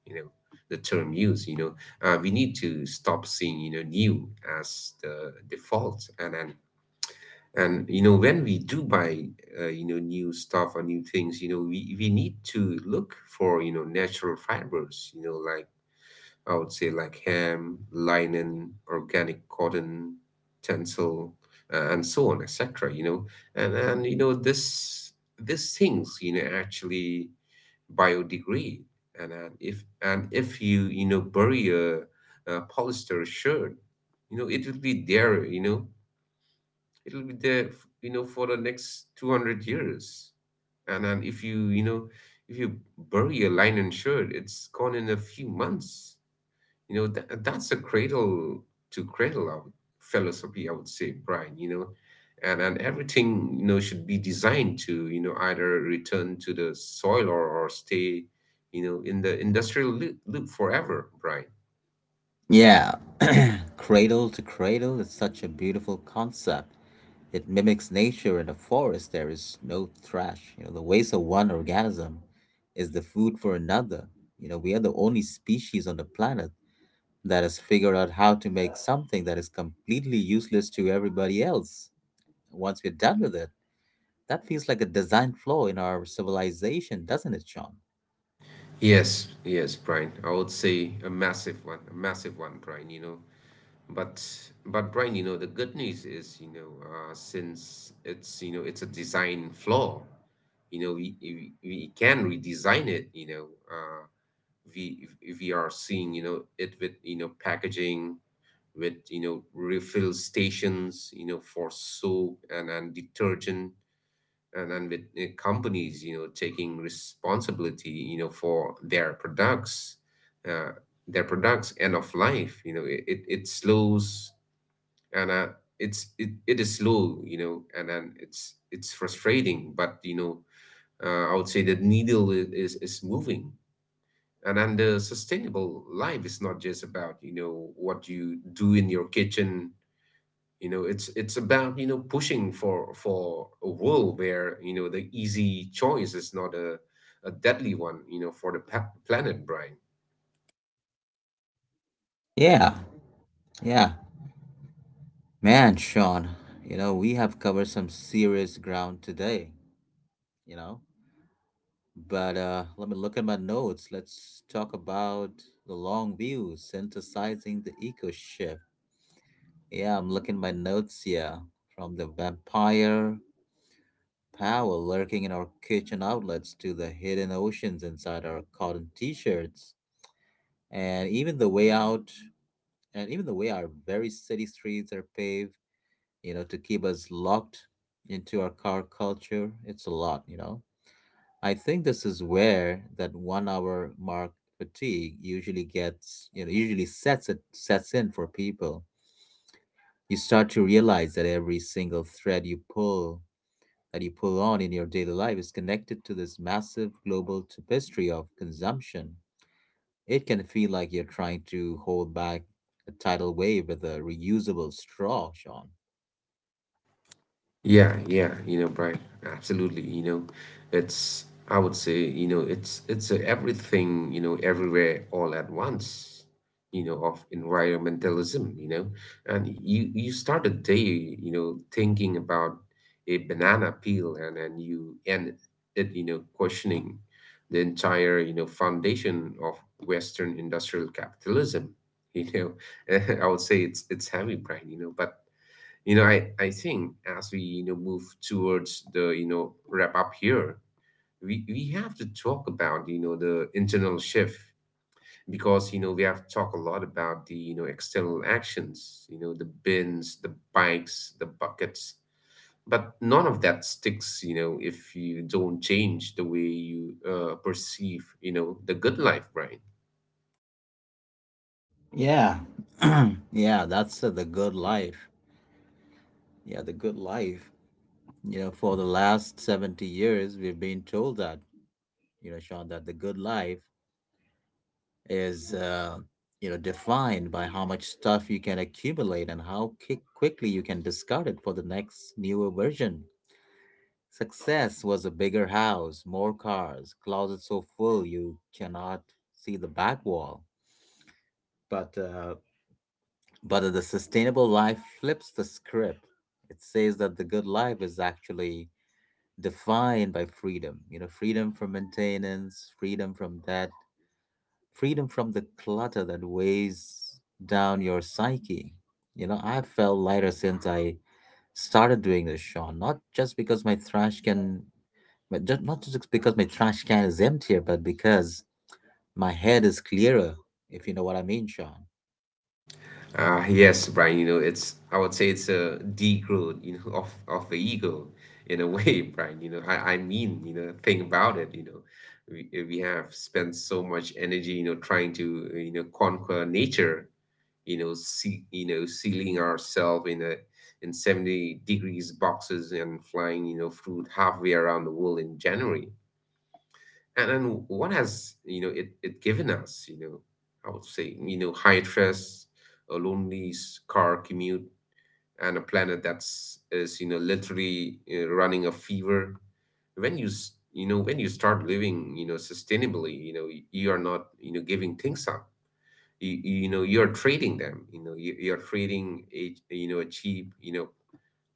Speaker 2: you know, the term use. We need to stop seeing, new as the default, and when we do buy new stuff or new things, we need to look for, natural fibers. You know, like I would say, like ham, linen, organic cotton, tencel, and so on, etc. And this, these things, actually biodegrade. And if, and if you, you know bury a polyester shirt, it will be there. You know, it will be there for the next 200 years. And if you, you know if you bury a linen shirt, it's gone in a few months. That's a cradle to cradle of philosophy, I would say, Brian. And everything, should be designed to, either return to the soil, or stay, in the industrial loop forever, Brian.
Speaker 1: Yeah, [clears throat] cradle to cradle is such a beautiful concept. It mimics nature in a forest. There is no trash. You know, the waste of one organism is the food for another. You know, we are the only species on the planet that has figured out how to make something that is completely useless to everybody else. Once we're done with it, that feels like a design flaw in our civilization, doesn't it, Sean?
Speaker 2: Yes, yes, Brian. I would say a massive one, Brian, But but Brian, the good news is, since it's, it's a design flaw, we can redesign it, uh, we we are seeing, it with, packaging, with, refill stations, for soap and detergent, and with companies, taking responsibility, for their products, uh, their products' end of life. It slows, and it's, it is slow, and then it's frustrating, but I would say that needle is moving. And then the sustainable life is not just about, what you do in your kitchen. It's about, pushing for a world where, the easy choice is not a, a deadly one, for the planet, Brian.
Speaker 1: Yeah, yeah. Man, Sean, you know, we have covered some serious ground today, you know. But let me look at my notes. Let's talk about the long view, synthesizing the eco shift. Yeah, I'm looking at my notes here. From the vampire power lurking in our kitchen outlets to the hidden oceans inside our cotton t shirts. And even the way out, and even the way our very city streets are paved, you know, to keep us locked into our car culture. It's a lot, you know. I think this is where that 1 hour mark fatigue usually usually sets in for people. You start to realize that every single thread you pull that you pull on in your daily life is connected to this massive global tapestry of consumption. It can feel like you're trying to hold back a tidal wave with a reusable straw, Sean.
Speaker 2: Yeah, yeah, Brian, absolutely. It's, I would say, it's a, everything, everywhere all at once, of environmentalism, And you start a day, thinking about a banana peel, and you end it, questioning the entire, foundation of Western industrial capitalism. You [laughs] I would say it's heavy, Brian, but I think as we, move towards the, wrap up here, we have to talk about, the internal shift, because, we have talked a lot about the, external actions, the bins, the bikes, the buckets, but none of that sticks, if you don't change the way you perceive, the good life, Brian.
Speaker 1: Yeah. [clears throat] Yeah, that's the good life. Yeah, the good life. You know, for the last 70 years, we've been told that, you know, Sean, that the good life is you know defined by how much stuff you can accumulate and how quickly you can discard it for the next newer version. Success was a bigger house, more cars, closet so full you cannot see the back wall. But uh, but the sustainable life flips the script. It says that the good life is actually defined by freedom. You know, freedom from maintenance, freedom from debt, freedom from the clutter that weighs down your psyche. You know, I felt lighter since I started doing this, Sean. Not just because my trash can, but just, not just because my trash can is emptier, but because my head is clearer. If you know what I mean, Sean.
Speaker 2: Yes, Brian, it's, I would say, it's a degrowth, [laughs] of the ego in a way, [laughs] Brian. I mean, think about it, We have spent so much energy, trying to, conquer nature, see, sealing ourselves in a, in 70 degrees boxes, and flying, fruit halfway around the world in January. And what has, it given us? I would say, high stress, a lonely car commute, and a planet that's, is, literally, running a fever. When you you know when you start living, sustainably, you are not, giving things up. You're trading them. You're trading a, a cheap,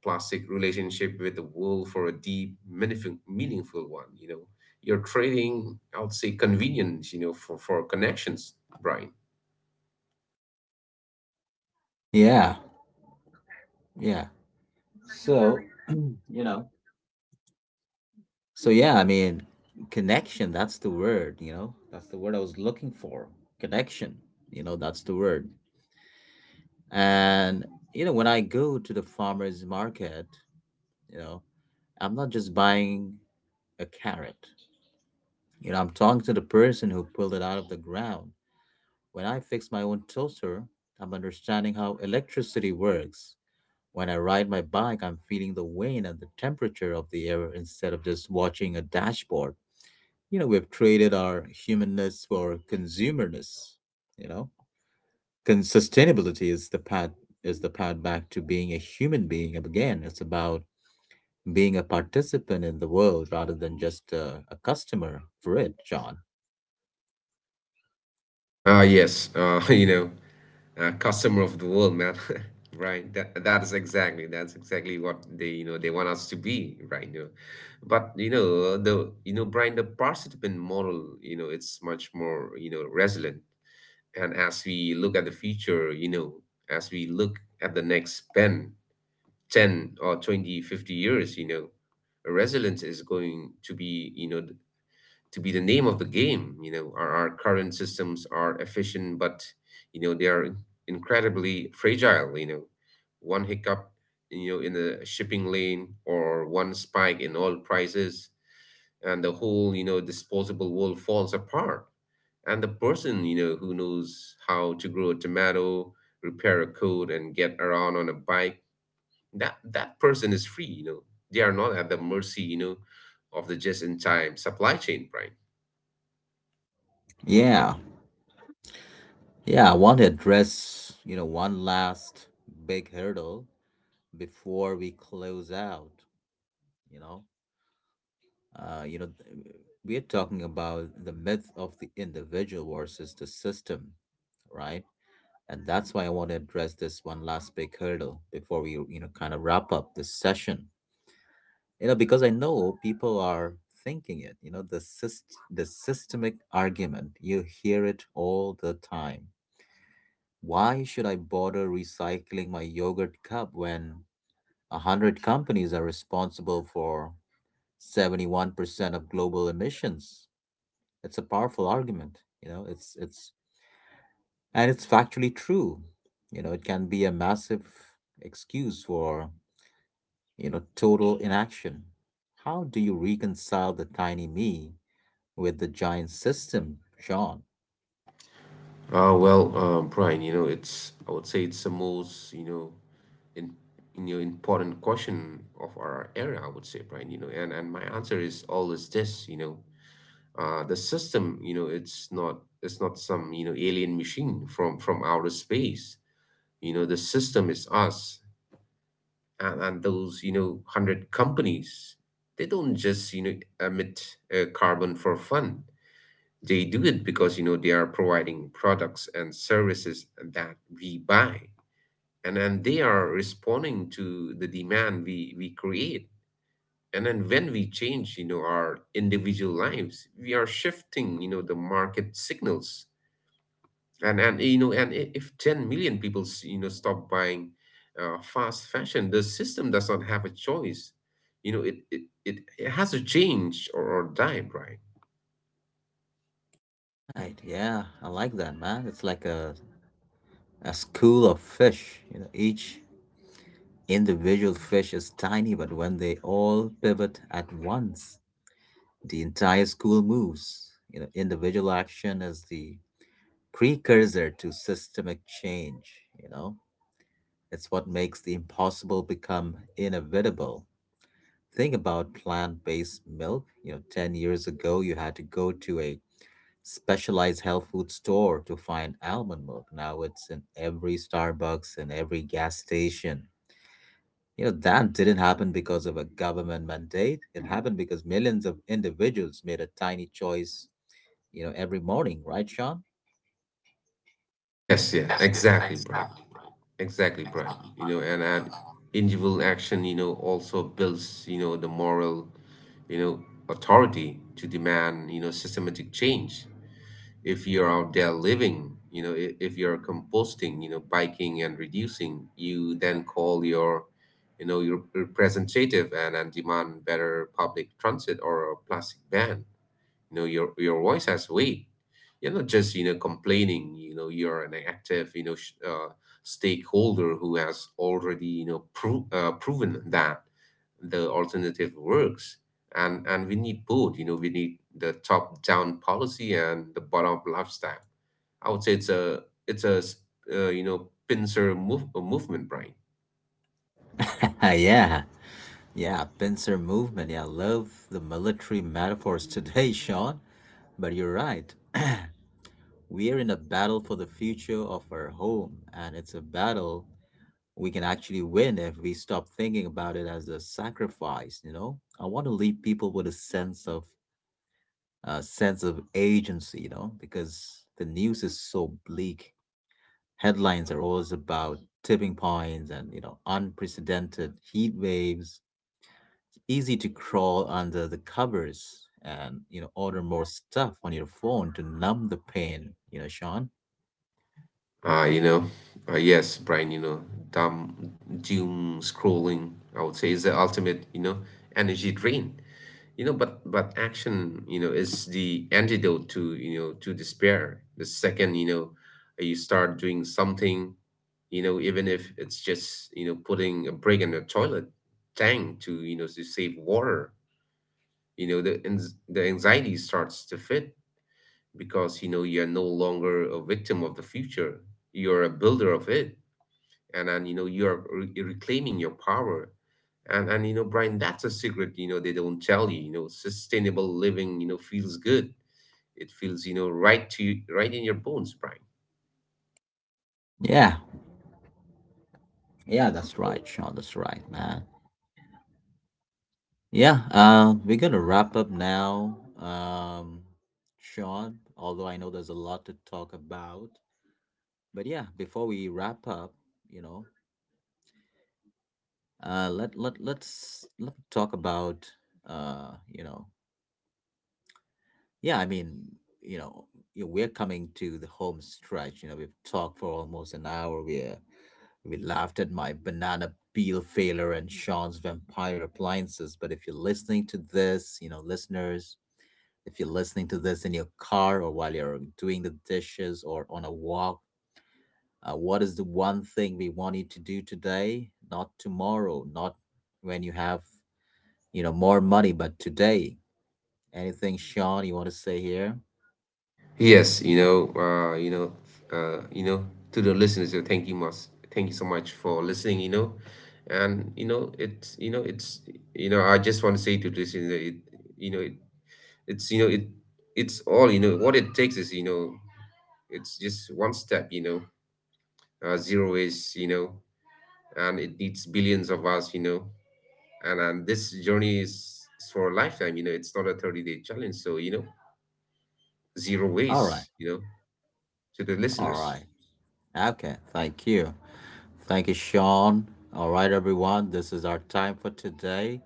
Speaker 2: plastic relationship with the world for a deep, meaningful, meaningful one. You're trading, I would say, convenience, for connections, Brian.
Speaker 1: Yeah, yeah. So you know, yeah. Connection. That's the word. You know, that's the word I was looking for. Connection. You know, that's the word. And you know, when I go to the farmer's market, you know, I'm not just buying a carrot. You know, I'm talking to the person who pulled it out of the ground. When I fix my own toaster, I'm understanding how electricity works. When I ride my bike, I'm feeling the wind and the temperature of the air instead of just watching a dashboard. You know, we've traded our humanness for consumerness, you know? Sustainability is the path, is the path back to being a human being again. It's about being a participant in the world rather than just a customer for it, John.
Speaker 2: Ah, yes. [laughs] Customer of the world, man. [laughs] Right. That is exactly, that's exactly what they, they want us to be, right? But the Brian, the participant model, it's much more, resilient. And as we look at the future, as we look at the next pen 10 or 20, 50 years, resilience is going to be, to be the name of the game. Our current systems are efficient, but they are incredibly fragile. One hiccup, in the shipping lane, or one spike in oil prices, and the whole, disposable world falls apart. And the person, who knows how to grow a tomato, repair a code, and get around on a bike, that person is free. They are not at the mercy, of the just in time supply chain, Brian.
Speaker 1: Yeah, yeah. I want to address, you know, one last big hurdle before we close out. You know, uh, you know, th- we are talking about the myth of the individual versus the system, right? And that's why I want to address this one last big hurdle before we, you know, kind of wrap up this session. You know, because I know people are thinking it. You know, the systemic argument, you hear it all the time. Why should I bother recycling my yogurt cup when a hundred companies are responsible for 71% of global emissions? It's a powerful argument. It's And it's factually true. You know, it can be a massive excuse for, you know, total inaction. How do you reconcile the tiny me with the giant system, Sean?
Speaker 2: Well, Brian, it's, I would say it's the most, you know in you know important question of our era, I would say, Brian. And my answer is always this. The system, it's not some, alien machine from outer space. The system is us. And those, 100 companies, they don't just, emit carbon for fun. They do it because, they are providing products and services that we buy, and then they are responding to the demand we create. And then when we change, our individual lives, we are shifting, the market signals. And if 10 million people stop buying fast fashion, the system does not have a choice. It has to change, or die, right?
Speaker 1: Right, yeah, I like that, man. It's like a school of fish. You know, each individual fish is tiny, but when they all pivot at once, the entire school moves. You know, individual action is the precursor to systemic change, you know? It's what makes the impossible become inevitable. Think about plant-based milk. You know, 10 years ago, you had to go to a specialized health food store to find almond milk. Now it's in every Starbucks and every gas station. You know, that didn't happen because of a government mandate. It happened because millions of individuals made a tiny choice, you know, every morning, right, Sean?
Speaker 2: Yes, yes, exactly, Brian. Exactly, Brian. You know, and an individual action, also builds, the moral, you know, authority to demand, systematic change. If you're out there living, if you're composting, biking and reducing, you then call your, your representative, and demand better public transit or a plastic ban. Your voice has weight. You're not just, complaining. You're an active, stakeholder who has already, proven that the alternative works. And we need both. We need the top down policy and the bottom up lifestyle. I would say it's a, it's a pincer movement, Brian.
Speaker 1: [laughs] Yeah. Yeah, pincer movement. Yeah, I love the military metaphors today, [laughs] Sean. But you're right. [clears throat] We are in a battle for the future of our home, and it's a battle we can actually win if we stop thinking about it as a sacrifice, you know? I want to leave people with a sense of, a sense of agency, you know, because the news is so bleak. Headlines are always about tipping points and, you know, unprecedented heat waves. Easy to crawl under the covers and, you know, order more stuff on your phone to numb the pain, you know, Sean.
Speaker 2: Uh, you know, yes, Brian, dumb doom scrolling, I would say, is the ultimate, energy drain. But action, is the antidote to, to despair. The second, you start doing something, even if it's just, putting a brick in a toilet tank, to, to save water, the the anxiety starts to fit, because, you're no longer a victim of the future. You're a builder of it. And you're reclaiming your power. And Brian, that's a secret, they don't tell you. You know Sustainable living, feels good. It feels, right to you, right in your bones, Brian.
Speaker 1: Yeah, yeah, that's right, Sean, that's right, man. Yeah we're gonna wrap up now. Sean, although I know there's a lot to talk about, but yeah, before we wrap up, you know, let, let let's let talk about, uh you know yeah, I mean, you know, you we're coming to the home stretch. You know, we've talked for almost an hour. We laughed at my banana peel failure and Sean's vampire appliances. But if you're listening to this, you know, listeners, if you're listening to this in your car or while you're doing the dishes or on a walk, what is the one thing we want you to do today, not tomorrow, not when you have, you know, more money, but today? Anything, Sean, you want to say here?
Speaker 2: Yes, uh you know to the listeners, thank you much, thank you so much for listening. And you know it's you know it's you know I just want to say to the listeners, know it, you know it, it's, you know it, it's all, what it takes is, it's just one step, zero waste, and it needs billions of us, and this journey is for a lifetime, It's not a 30-day challenge, so zero
Speaker 1: All right,
Speaker 2: waste, to the
Speaker 1: all
Speaker 2: listeners.
Speaker 1: right. Okay, thank you. Thank you, Sean. All right, everyone, this is our time for today.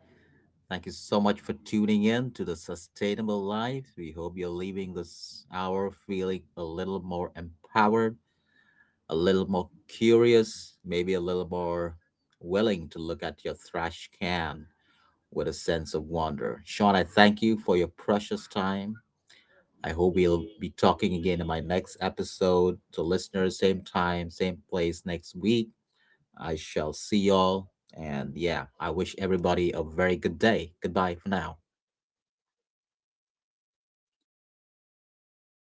Speaker 1: Thank you so much for tuning in to the Sustainable Life. We hope you're leaving this hour feeling a little more empowered, a little more curious, maybe a little more willing to look at your trash can with a sense of wonder. Sean, I thank you for your precious time. I hope we'll be talking again in my next episode. To listeners, same time, same place next week. I shall see y'all. And yeah, I wish everybody a very good day. Goodbye for now.